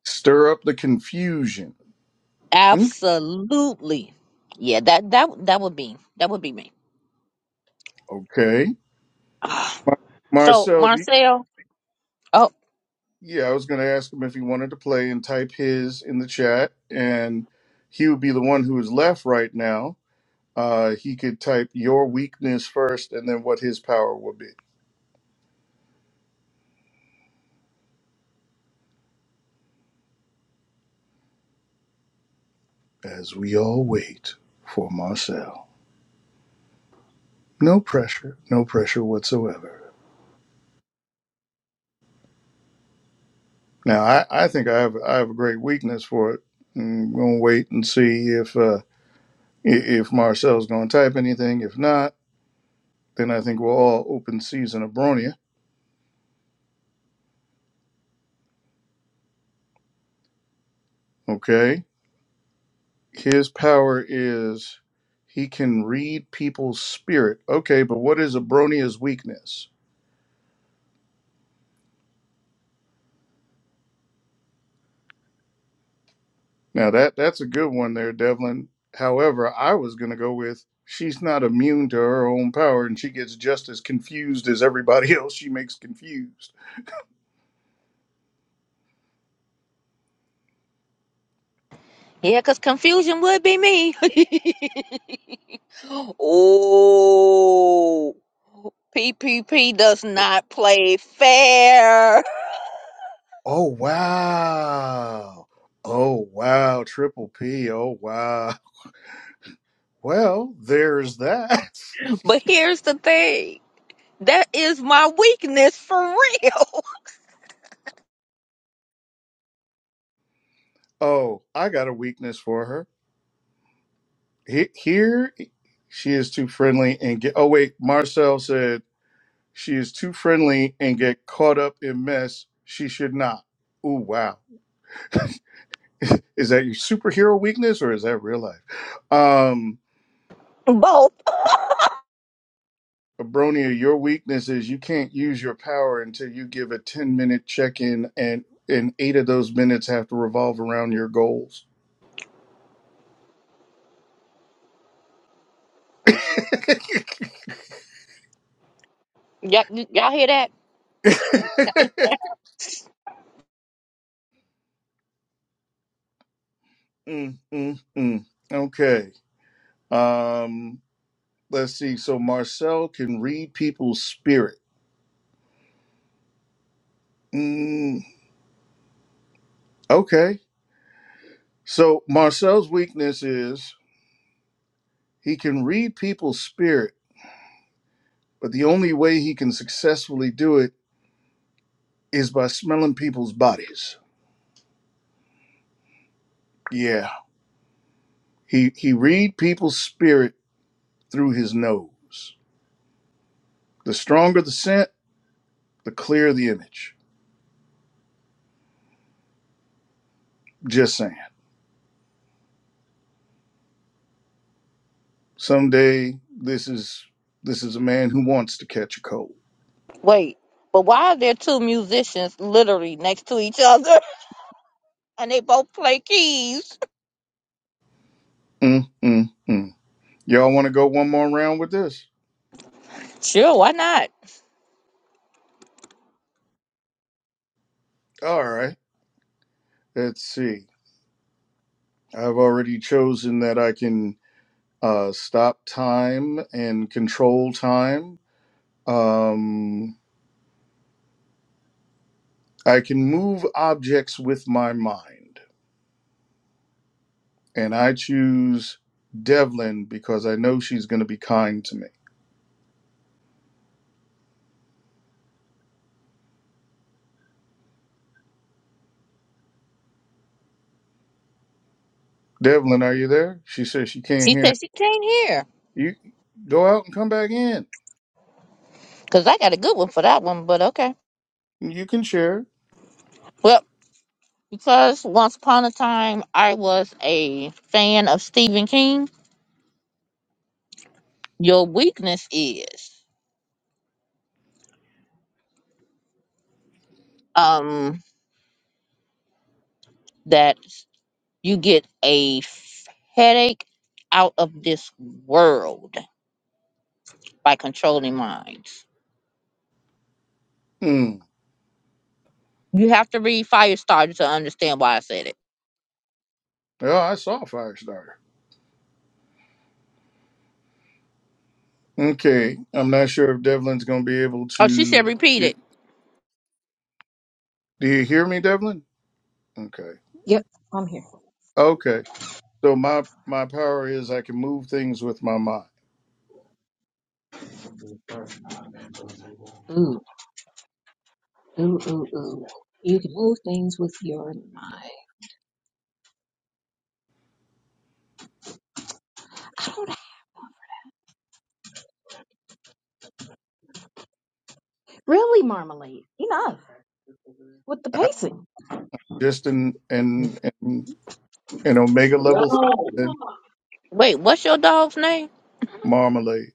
[SPEAKER 1] stir up the confusion. Mm,
[SPEAKER 2] Absolutely. Yeah, that that that would be that would be me.
[SPEAKER 1] Okay.
[SPEAKER 2] *sighs* Ah,
[SPEAKER 1] Mar-
[SPEAKER 2] So
[SPEAKER 1] Marcel, do you-
[SPEAKER 2] Marcel. oh.
[SPEAKER 1] yeah, I was going to ask him if he wanted to play and type his in the chat, and he would be the one who is left right now. Uh, he could type your weakness first and then what his power would be. as we all wait for Marcel. No pressure, no pressure whatsoever. Now, I, I think I have I have a great weakness for it. I'm gonna wait and see if uh, if Marcel's gonna type anything. If not, then I think we'll all open season of Bronia. Okay, his power is he can read people's spirit. Okay, but what is a Bronia's weakness? Now that that's a good one there, Devlin. However, I was gonna go with she's not immune to her own power and she gets just as confused as everybody *laughs* else she makes confused.
[SPEAKER 2] Yeah, cause confusion would be me. *laughs* oh, PPP does not play fair. *laughs*
[SPEAKER 1] Oh wow. Oh wow, triple P, oh wow. Well, there's that.
[SPEAKER 2] But
[SPEAKER 1] *laughs*
[SPEAKER 2] here's the thing that is my weakness for real.
[SPEAKER 1] oh, I got a weakness for her. He- Here she is too friendly and get oh wait, Marcel said she is too friendly and get caught up in mess. She should not. Ooh wow. *laughs* is that your superhero weakness or is that real life? Um,
[SPEAKER 2] *laughs* Both.
[SPEAKER 1] Abronia, your weakness is you can't use your power until you give a 10 minute check in, and, and eight of those minutes have to revolve around your goals. *laughs* mm,
[SPEAKER 2] *laughs* Y'all, y'all hear that?
[SPEAKER 1] mm, mm. Okay. Um, let's see. So Marcel can read people's spirit. Mm, okay. So Marcel's weakness is he can read people's spirit But the only way he can successfully do it is by smelling people's bodies. Yeah. He he read people's spirit through his nose. The stronger the scent, the clearer the image. Just saying. Someday this is this is a man who wants to catch a cold.
[SPEAKER 2] Wait, but why are there two musicians literally next to each other *laughs* and they both play keys?
[SPEAKER 1] Mm, mm, mm. Y'all want to go one more round with this?
[SPEAKER 2] Sure, why not?
[SPEAKER 1] All right. Let's see. I've already chosen that I can uh, stop time and control time. Um, I can move objects with my mind, and I choose Devlin because I know she's going to be kind to me. Devlin, are you there? She says she can't
[SPEAKER 2] She
[SPEAKER 1] hear
[SPEAKER 2] said she can't hear,
[SPEAKER 1] you. Go out and come back in.
[SPEAKER 2] Because I got a good one for that one, but okay.
[SPEAKER 1] You can share.
[SPEAKER 2] Well. Because once upon a time I was a fan of Stephen King, your weakness is um that you get a f- headache out of this world by controlling minds.
[SPEAKER 1] Hmm.
[SPEAKER 2] You have to read Firestarter to understand why I said it.
[SPEAKER 1] Oh, I saw Firestarter. Okay, I'm not sure if Devlin's going to be able
[SPEAKER 2] Oh, she said
[SPEAKER 1] to.
[SPEAKER 2] repeat
[SPEAKER 1] y-
[SPEAKER 2] it.
[SPEAKER 1] Do you hear me, Devlin? Okay.
[SPEAKER 3] Yep, I'm here.
[SPEAKER 1] Okay. So my my power is I can move things with my mind.
[SPEAKER 3] Ooh, ooh, ooh, ooh. You can move things with your mind. Really, Marmalade. Enough with the
[SPEAKER 1] I-
[SPEAKER 3] pacing.
[SPEAKER 1] Just in in in, in Omega level.
[SPEAKER 3] No.
[SPEAKER 2] Wait, what's your dog's name?
[SPEAKER 1] Marmalade.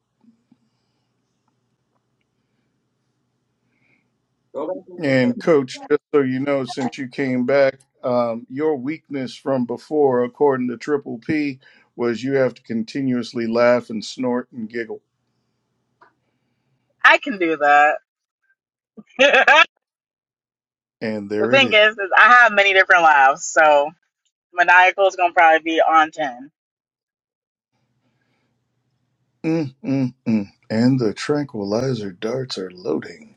[SPEAKER 3] Go back to the letter.
[SPEAKER 1] And coach, just so you know, since you came back, um, your weakness from before, according to Triple P, was you have to continuously laugh and snort and giggle.
[SPEAKER 4] I can do that. *laughs* the
[SPEAKER 1] And there it
[SPEAKER 4] thing
[SPEAKER 1] is.
[SPEAKER 4] is, is I have many different laughs, so maniacal is gonna probably be on ten.
[SPEAKER 1] Mm, mm, mm. And the tranquilizer darts are loading.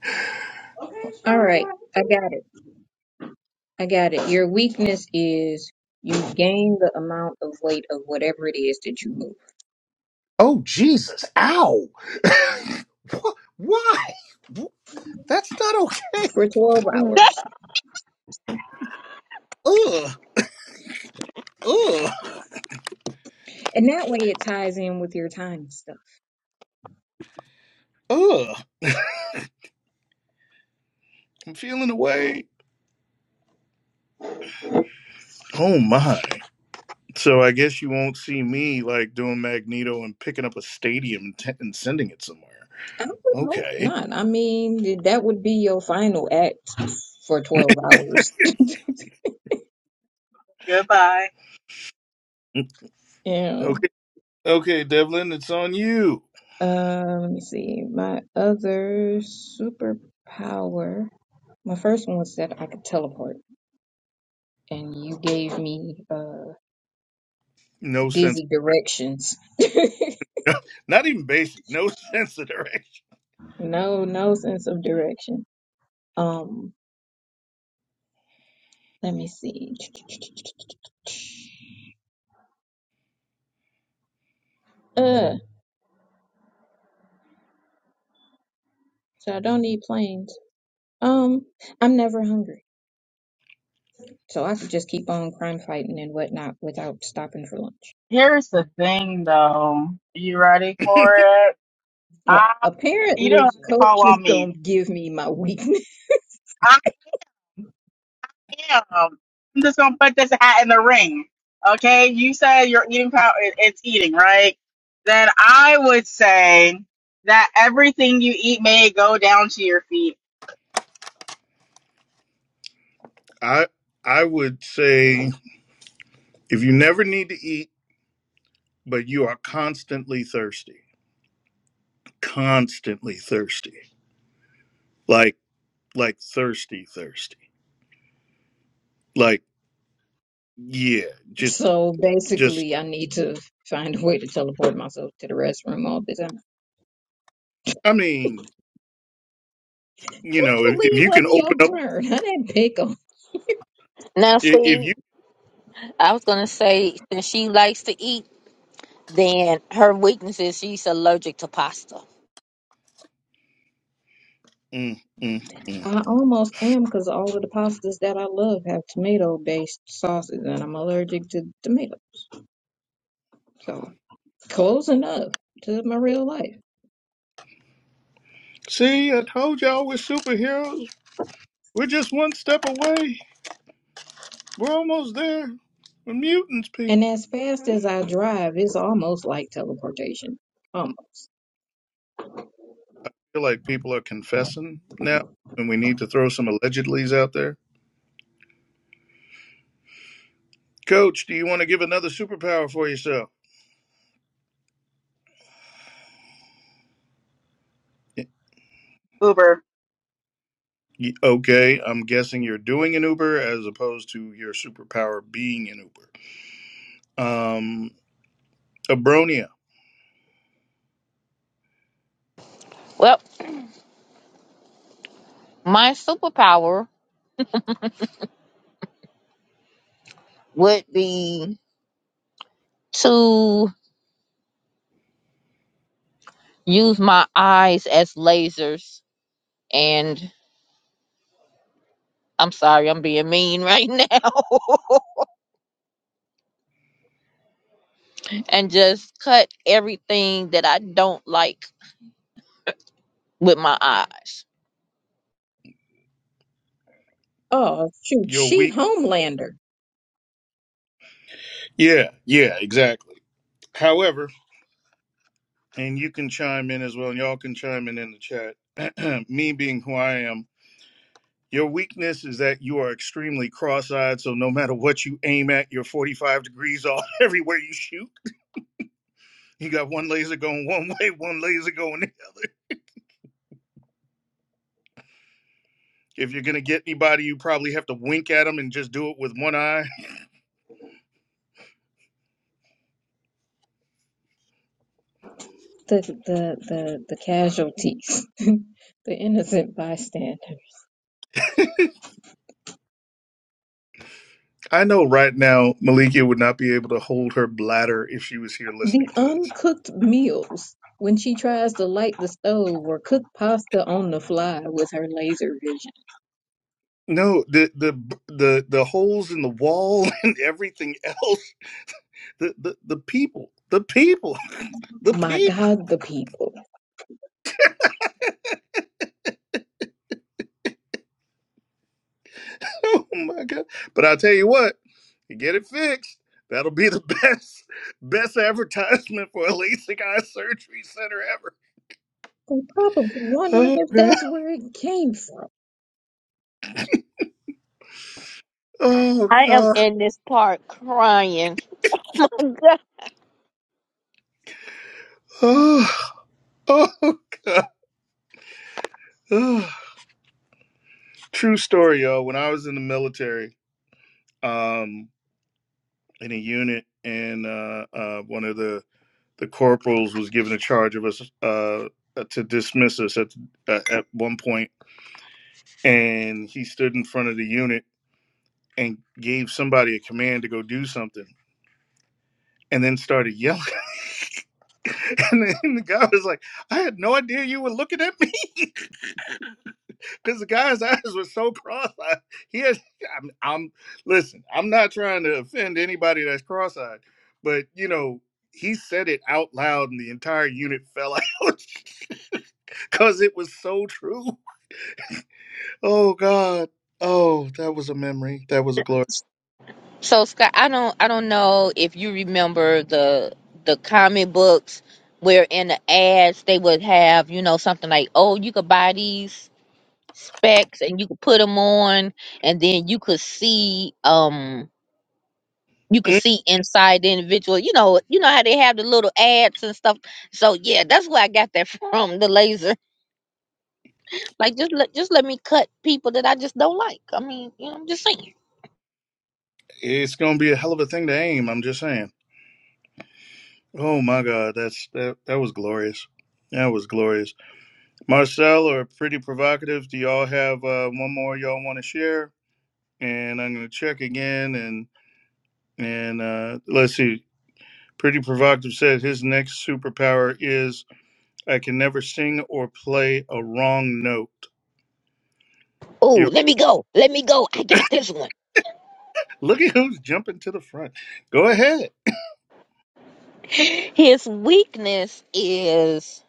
[SPEAKER 3] Okay. All sure. right, I got it. I got it. Your weakness is you gain the amount of weight of whatever it is that you move
[SPEAKER 1] Oh, Jesus. Ow. *laughs* Wha- Why? That's not okay.
[SPEAKER 3] for 12
[SPEAKER 2] *laughs*
[SPEAKER 3] hours.
[SPEAKER 1] Ugh. Ugh.
[SPEAKER 3] And that way it ties in with your time stuff.
[SPEAKER 1] Ugh. *laughs* I'm feeling away. Oh, my. So I guess you won't see me like doing Magneto and picking up a stadium and, t- and sending it somewhere.
[SPEAKER 3] I would hope
[SPEAKER 1] Okay.
[SPEAKER 3] not. I mean, that would be your final act for 12 hours.
[SPEAKER 4] Goodbye.
[SPEAKER 1] Mm,
[SPEAKER 3] Yeah.
[SPEAKER 1] Okay. Okay, Devlin, it's on you.
[SPEAKER 3] Uh, let me see. My other superpower. My first one was that I could teleport. and you gave me uh
[SPEAKER 1] No sense.
[SPEAKER 3] dizzy directions. *laughs*
[SPEAKER 1] *laughs* Not even basic. No *laughs* sense of direction.
[SPEAKER 3] No, no sense of direction. Um, let me see. Uh, so I don't need planes. Um, I'm never hungry, so I could just keep on crime fighting and whatnot without stopping for lunch.
[SPEAKER 4] Here's the thing, though. You ready for it?
[SPEAKER 3] Uh,
[SPEAKER 4] I, you don't
[SPEAKER 3] apparently,
[SPEAKER 4] have to
[SPEAKER 3] coach
[SPEAKER 4] call
[SPEAKER 3] is
[SPEAKER 4] on me.
[SPEAKER 3] gonna give me my weakness.
[SPEAKER 4] I am. I'm just gonna put this hat in the ring. Okay, you said your eating power it- it's eating, right? Then I would say that everything you eat may go down to your feet.
[SPEAKER 1] I I would say if you never need to eat, but you are constantly thirsty, constantly thirsty, like like thirsty, thirsty, like yeah, just
[SPEAKER 3] So
[SPEAKER 1] just.
[SPEAKER 3] basically, I need to find a way to teleport myself to the restroom all the time.
[SPEAKER 1] I mean, you know, if,
[SPEAKER 3] Thankfully,
[SPEAKER 1] if
[SPEAKER 3] it
[SPEAKER 1] you can
[SPEAKER 3] wasn't
[SPEAKER 1] open
[SPEAKER 3] your
[SPEAKER 1] up,
[SPEAKER 3] turn. I didn't pick 'em.
[SPEAKER 2] Now,
[SPEAKER 1] i- if you
[SPEAKER 2] see, I was gonna say since she likes to eat, then her weakness is she's allergic to pasta.
[SPEAKER 1] Mm, mm, mm.
[SPEAKER 3] I almost am because all of the pastas that I love have tomato based sauces, and I'm allergic to tomato. So close enough to my real life.
[SPEAKER 1] See, I told y'all we're superheroes. We're just one step away. We're almost there. We're mutants, people.
[SPEAKER 3] And as fast as I drive, it's almost like teleportation. Almost.
[SPEAKER 1] I feel like people are confessing now, and we need to throw some allegedlys out there. Coach, do you want to give another superpower for yourself? Y-
[SPEAKER 4] Uber.
[SPEAKER 1] y- Okay, I'm guessing you're doing an Uber as opposed to your superpower being an Uber. Um, Abronia,
[SPEAKER 2] Well, My superpower would be to use my eyes as lasers and I'm sorry, I'm being mean right *laughs* now. and just cut everything that I don't like with my eyes.
[SPEAKER 3] Oh shoot,
[SPEAKER 1] you're
[SPEAKER 3] she
[SPEAKER 1] weak.
[SPEAKER 3] Homelander.
[SPEAKER 1] Yeah, yeah, exactly. However, and you can chime in as well, and y'all can chime in in the chat. *clears throat* Me being who I am, your weakness is that you are extremely cross-eyed. So no matter what you aim at, you're 45 degrees off *laughs* everywhere you shoot. You got one laser going one way, one laser going the other. If you're gonna get anybody, you probably have to wink at them and just do it with one eye.
[SPEAKER 3] The the the, the casualties, *laughs* the innocent bystander.
[SPEAKER 1] I know right now Malikia would not be able to hold her bladder if she was here
[SPEAKER 3] The
[SPEAKER 1] listening to this.
[SPEAKER 3] uncooked meals. When she tries to light the stove or cook pasta on the fly with her laser vision.
[SPEAKER 1] No, the the the the holes in the wall *laughs* and everything else the, the, the people, the people, *laughs* the
[SPEAKER 3] My
[SPEAKER 1] people.
[SPEAKER 3] God, the people.
[SPEAKER 1] Oh my god! But I tell you what, you get it fixed. That'll be the *laughs* best best advertisement for a LASIK eye surgery center ever.
[SPEAKER 3] They're probably wondering
[SPEAKER 1] Oh
[SPEAKER 3] if
[SPEAKER 1] god!
[SPEAKER 3] that's where it came from.
[SPEAKER 1] Oh
[SPEAKER 2] I am
[SPEAKER 1] god!
[SPEAKER 2] in this part crying. *laughs*
[SPEAKER 1] Oh, *laughs* oh god! Oh. True story, yo. When I was in the military, um, in a unit, and uh, uh, one of the the corporals was given a charge of us uh, to dismiss us at, at one point and he stood in front of the unit and gave somebody a command to go do something and then started yelling *laughs* and then the guy was like i had no idea you were looking at me *laughs* because the guy's eyes were so cross-eyed he has I'm, I'm listen i'm not trying to offend anybody that's cross-eyed but you know he said it out loud and the entire unit fell out *laughs* because it was so true oh god oh that was a memory that was a glory
[SPEAKER 2] so Scott, I don't I don't know if you remember the the comic books where in the ads they would have, you know, something like, "Oh, you could buy these specs and you could put them on and then you could see um you could see inside the individual you know you know how they have the little ads and stuff so yeah that's where i got that *laughs* from the laser like just let just let me cut people that i just don't like i mean you know i'm just saying
[SPEAKER 1] It's gonna be a hell of a thing to aim. I'm just saying. Oh my God, that's that. That was glorious. That was glorious. Marcel or pretty provocative. Do y'all have uh, one more y'all want to share? And I'm gonna check again. And and uh, let's see. Pretty provocative said his next superpower is I can never sing or play a wrong note.
[SPEAKER 2] oh
[SPEAKER 1] You
[SPEAKER 2] let me go let me go i got this one
[SPEAKER 1] look at who's jumping to the front. Go ahead.
[SPEAKER 2] *gasps* *laughs* his weakness is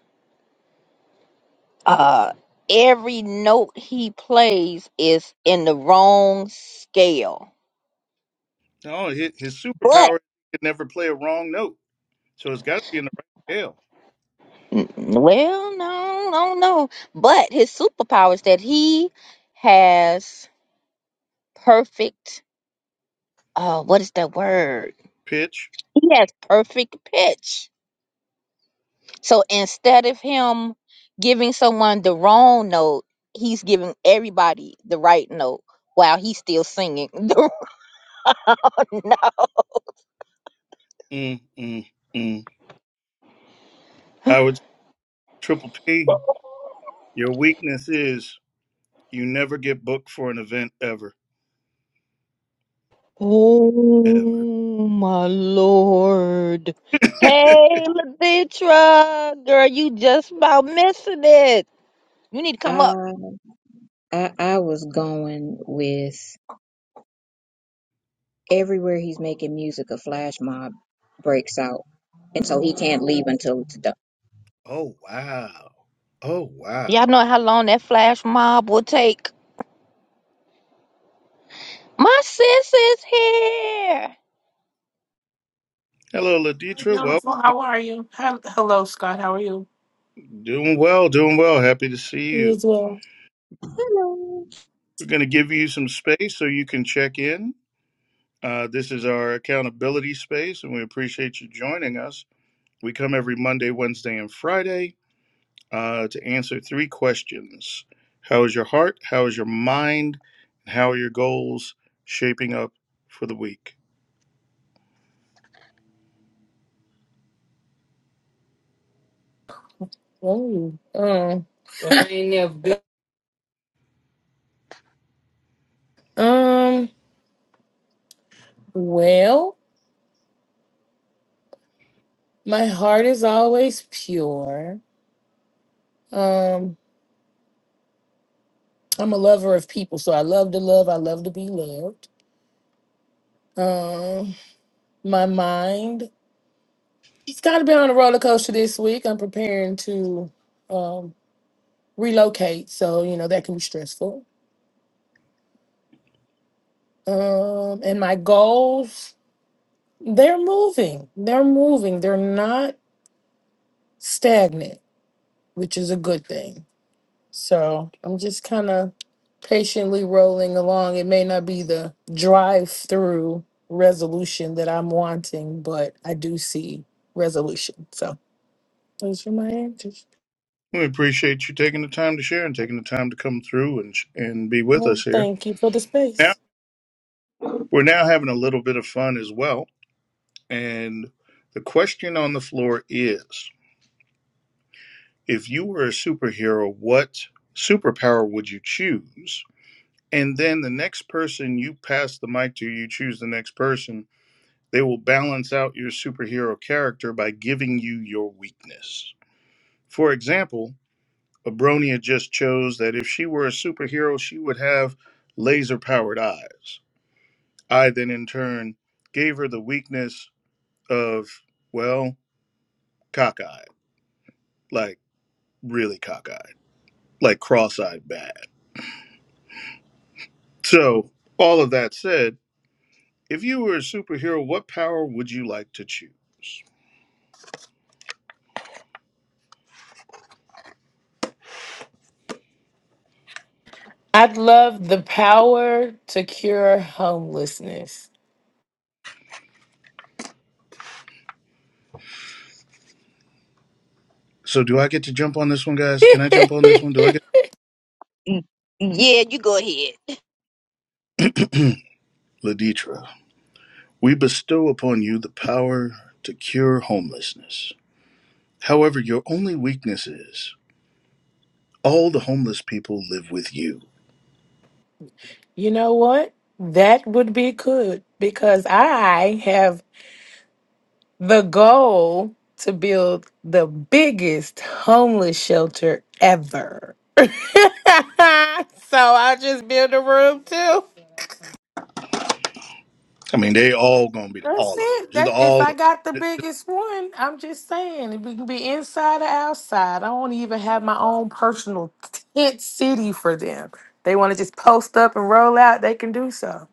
[SPEAKER 2] uh every note he plays is in the wrong scale
[SPEAKER 1] Oh, his, his
[SPEAKER 2] but.
[SPEAKER 1] superpower is he can never play a wrong note. So it's got to be in the right scale
[SPEAKER 2] Mm, Well, no, no, no. But his superpower is that he has perfect, uh, what is that word?
[SPEAKER 1] pitch.
[SPEAKER 2] He has perfect pitch. So instead of him giving someone the wrong note, he's giving everybody the right note while he's still singing *laughs* the wrong note.
[SPEAKER 1] Mm, mm, mm. I would say, Triple P, your weakness is you never get booked for an event ever, ever.
[SPEAKER 2] Oh my lord.
[SPEAKER 1] *laughs*
[SPEAKER 2] Hey, Lavitra, girl, you just about missing it. You need to come up.
[SPEAKER 3] I I, I was going with. everywhere he's making music, a flash mob breaks out, and so he can't leave until it's done.
[SPEAKER 1] oh, wow. Oh, wow.
[SPEAKER 2] Y'all know how long that flash mob will take. My sis is here.
[SPEAKER 1] Hello, Laditra. Well,
[SPEAKER 5] Beautiful. How are you? Hel- Hello, Scott. How are you?
[SPEAKER 1] doing well, doing well. Happy to see
[SPEAKER 5] You
[SPEAKER 1] you.
[SPEAKER 5] as well.
[SPEAKER 3] Hello.
[SPEAKER 1] We're going to give you some space so you can check in. Uh, this is our accountability space, and we appreciate you joining us. We come every Monday, Wednesday, and Friday. uh, to answer three questions How is your heart? How is your mind? And how are your goals shaping up for the week?
[SPEAKER 5] Oh, um, um, well, my heart is always pure. Um, I'm a lover of people, so I love to love. I love to be loved. Um, my mind, it's got to be on a roller coaster this week. I'm preparing to um, relocate, so you know that can be stressful. Um, and my goals, they're moving. They're moving. They're not stagnant. which is a good thing. So I'm just kind of patiently rolling along. It may not be the drive through resolution that I'm wanting, but I do see resolution. So those are my answers.
[SPEAKER 1] We appreciate you taking the time to share and taking the time to come through and, and be with
[SPEAKER 5] Well,
[SPEAKER 1] us here.
[SPEAKER 5] thank you for the
[SPEAKER 1] Now,
[SPEAKER 5] space.
[SPEAKER 1] we're now having a little bit of fun as well. And the question on the floor is if you were a superhero, what superpower would you choose? And then the next person you pass the mic to, you choose the next person They will balance out your superhero character by giving you your weakness. For example, Abronia just chose that if she were a superhero, she would have laser powered eyes. I then, in turn, gave her the weakness of, well, cockeyed, like really cockeyed, like cross eyed bad. So, all of that said, if you were a superhero, what power would you like to choose?
[SPEAKER 5] I'd love the power to cure homelessness.
[SPEAKER 1] So, do I get to jump on this one,
[SPEAKER 5] *laughs*
[SPEAKER 1] guys? Can I jump on this one? Do I get
[SPEAKER 2] Mm, Yeah, you go ahead.
[SPEAKER 1] Laditra? We bestow upon you the power to cure homelessness. However, your only weakness is all the homeless people live with you.
[SPEAKER 5] you know what? That would be good because I have The goal to build the biggest homeless shelter ever. *laughs* so I'll just build a room too.
[SPEAKER 1] I mean, they all gonna be
[SPEAKER 5] That's
[SPEAKER 1] all of them,
[SPEAKER 5] it.
[SPEAKER 1] just
[SPEAKER 5] That if
[SPEAKER 1] all
[SPEAKER 5] I
[SPEAKER 1] of
[SPEAKER 5] got the
[SPEAKER 1] them.
[SPEAKER 5] biggest one, I'm just saying it can be inside or outside. I won't even have my own personal tent city for them. They want to just post up and roll out. They can do so.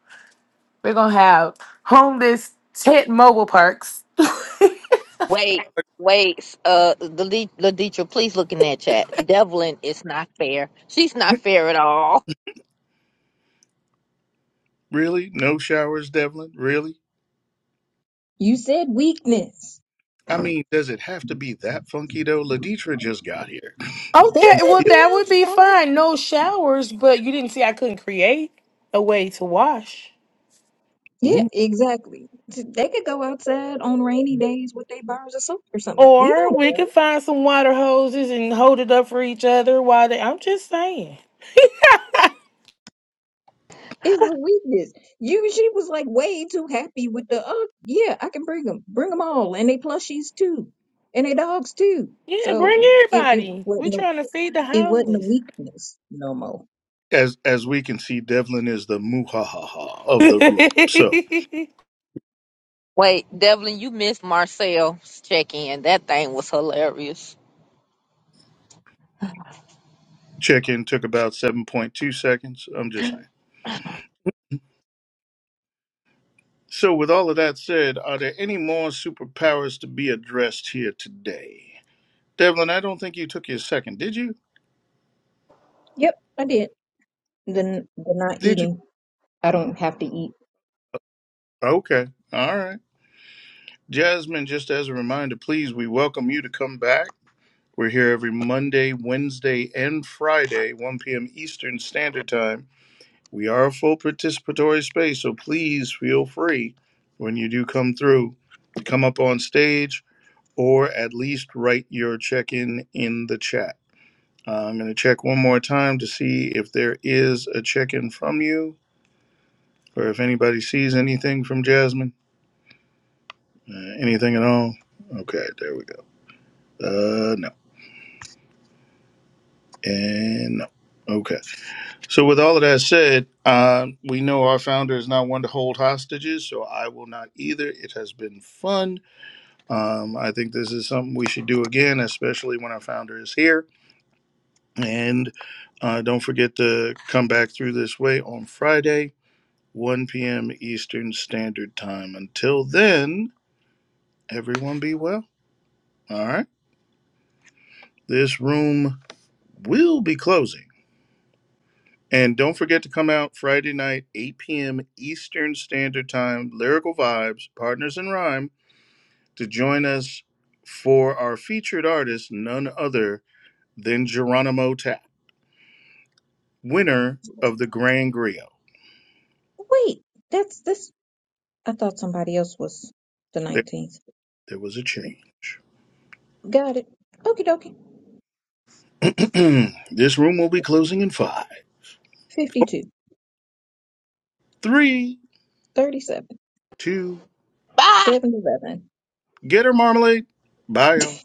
[SPEAKER 5] We're gonna have homeless tent mobile parks.
[SPEAKER 2] Wait, wait. Uh, Lade- Laditra, please look in that chat. Devlin is not fair. She's not
[SPEAKER 1] *laughs*
[SPEAKER 2] fair at all.
[SPEAKER 1] Really? No showers, Devlin? Really?
[SPEAKER 3] You said weakness.
[SPEAKER 1] I mean, does it have to be that funky though? Laditra just got here.
[SPEAKER 3] They
[SPEAKER 5] Okay,
[SPEAKER 3] could
[SPEAKER 5] well
[SPEAKER 1] Yeah.
[SPEAKER 3] be
[SPEAKER 5] that would be
[SPEAKER 3] outside.
[SPEAKER 5] fine. No showers, but you didn't see I couldn't create a way to wash.
[SPEAKER 3] Yeah,
[SPEAKER 1] Ooh.
[SPEAKER 3] exactly. They could go outside on rainy days with their bars of soap or something. We
[SPEAKER 5] Or
[SPEAKER 3] don't
[SPEAKER 5] we could
[SPEAKER 3] know.
[SPEAKER 5] find some water hoses and hold it up for each other while they I'm just saying.
[SPEAKER 3] It's a weakness. You, she was like way too happy with the, uh, yeah, I can bring them, bring them all, and they plushies too, and they dogs too.
[SPEAKER 5] Yeah, bring
[SPEAKER 3] So it, it
[SPEAKER 5] everybody. We're
[SPEAKER 3] wasn't, a,
[SPEAKER 5] trying to feed the
[SPEAKER 3] it wasn't a
[SPEAKER 5] homeless.
[SPEAKER 3] weakness no more.
[SPEAKER 1] As as we can see, Devlin is the muhahaha of the group. So
[SPEAKER 5] *laughs*
[SPEAKER 2] Wait, Devlin, you missed Marcel's check in. That thing was hilarious.
[SPEAKER 1] check in took about seven point two seconds. I'm just saying. So, with all of that said, are there any more superpowers to be addressed here today? Devlin, I don't think you took your second, did you?
[SPEAKER 3] Yep, I did. Then the not
[SPEAKER 1] Did you?
[SPEAKER 3] eating, I don't have to eat.
[SPEAKER 1] Okay, all right. Jasmine, just as a reminder, please, we welcome you to come back. We're here every Monday, Wednesday, and Friday, 1 p.m. Eastern Standard Time. We are a full participatory space, so please feel free when you do come through to come up on stage or at least write your check in in the chat. Uh, I'm going to check one more time to see if there is a check in from you or if anybody sees anything from Jasmine. Uh, anything at all? Okay, there we go. Uh, no. And no. Okay. So, with all of that said, uh, we know our founder is not one to hold hostages, so I will not either. It has been fun. Um, I think this is something we should do again, especially when our founder is here. And uh, don't forget to come back through this way on Friday. 1 p.m. Eastern Standard Time. Until then, everyone be well. All right. This room will be closing. And don't forget to come out Friday night, 8 p.m. Eastern Standard Time, Lyrical Vibes, Partners in Rhyme, to join us for our featured artist, none other than Geronimo Tap, winner of the Grand Griot.
[SPEAKER 3] Wait, that's this. I thought somebody else was the
[SPEAKER 1] There,
[SPEAKER 3] nineteenth.
[SPEAKER 1] there was a change.
[SPEAKER 3] Got it. Okie dokie.
[SPEAKER 1] *clears throat* this room will be closing in five, four,
[SPEAKER 3] Fifty-two,
[SPEAKER 1] three,
[SPEAKER 3] thirty-seven,
[SPEAKER 1] two,
[SPEAKER 2] Bye.
[SPEAKER 3] seventy-eleven.
[SPEAKER 1] Get her, Marmalade. Bye, y'all.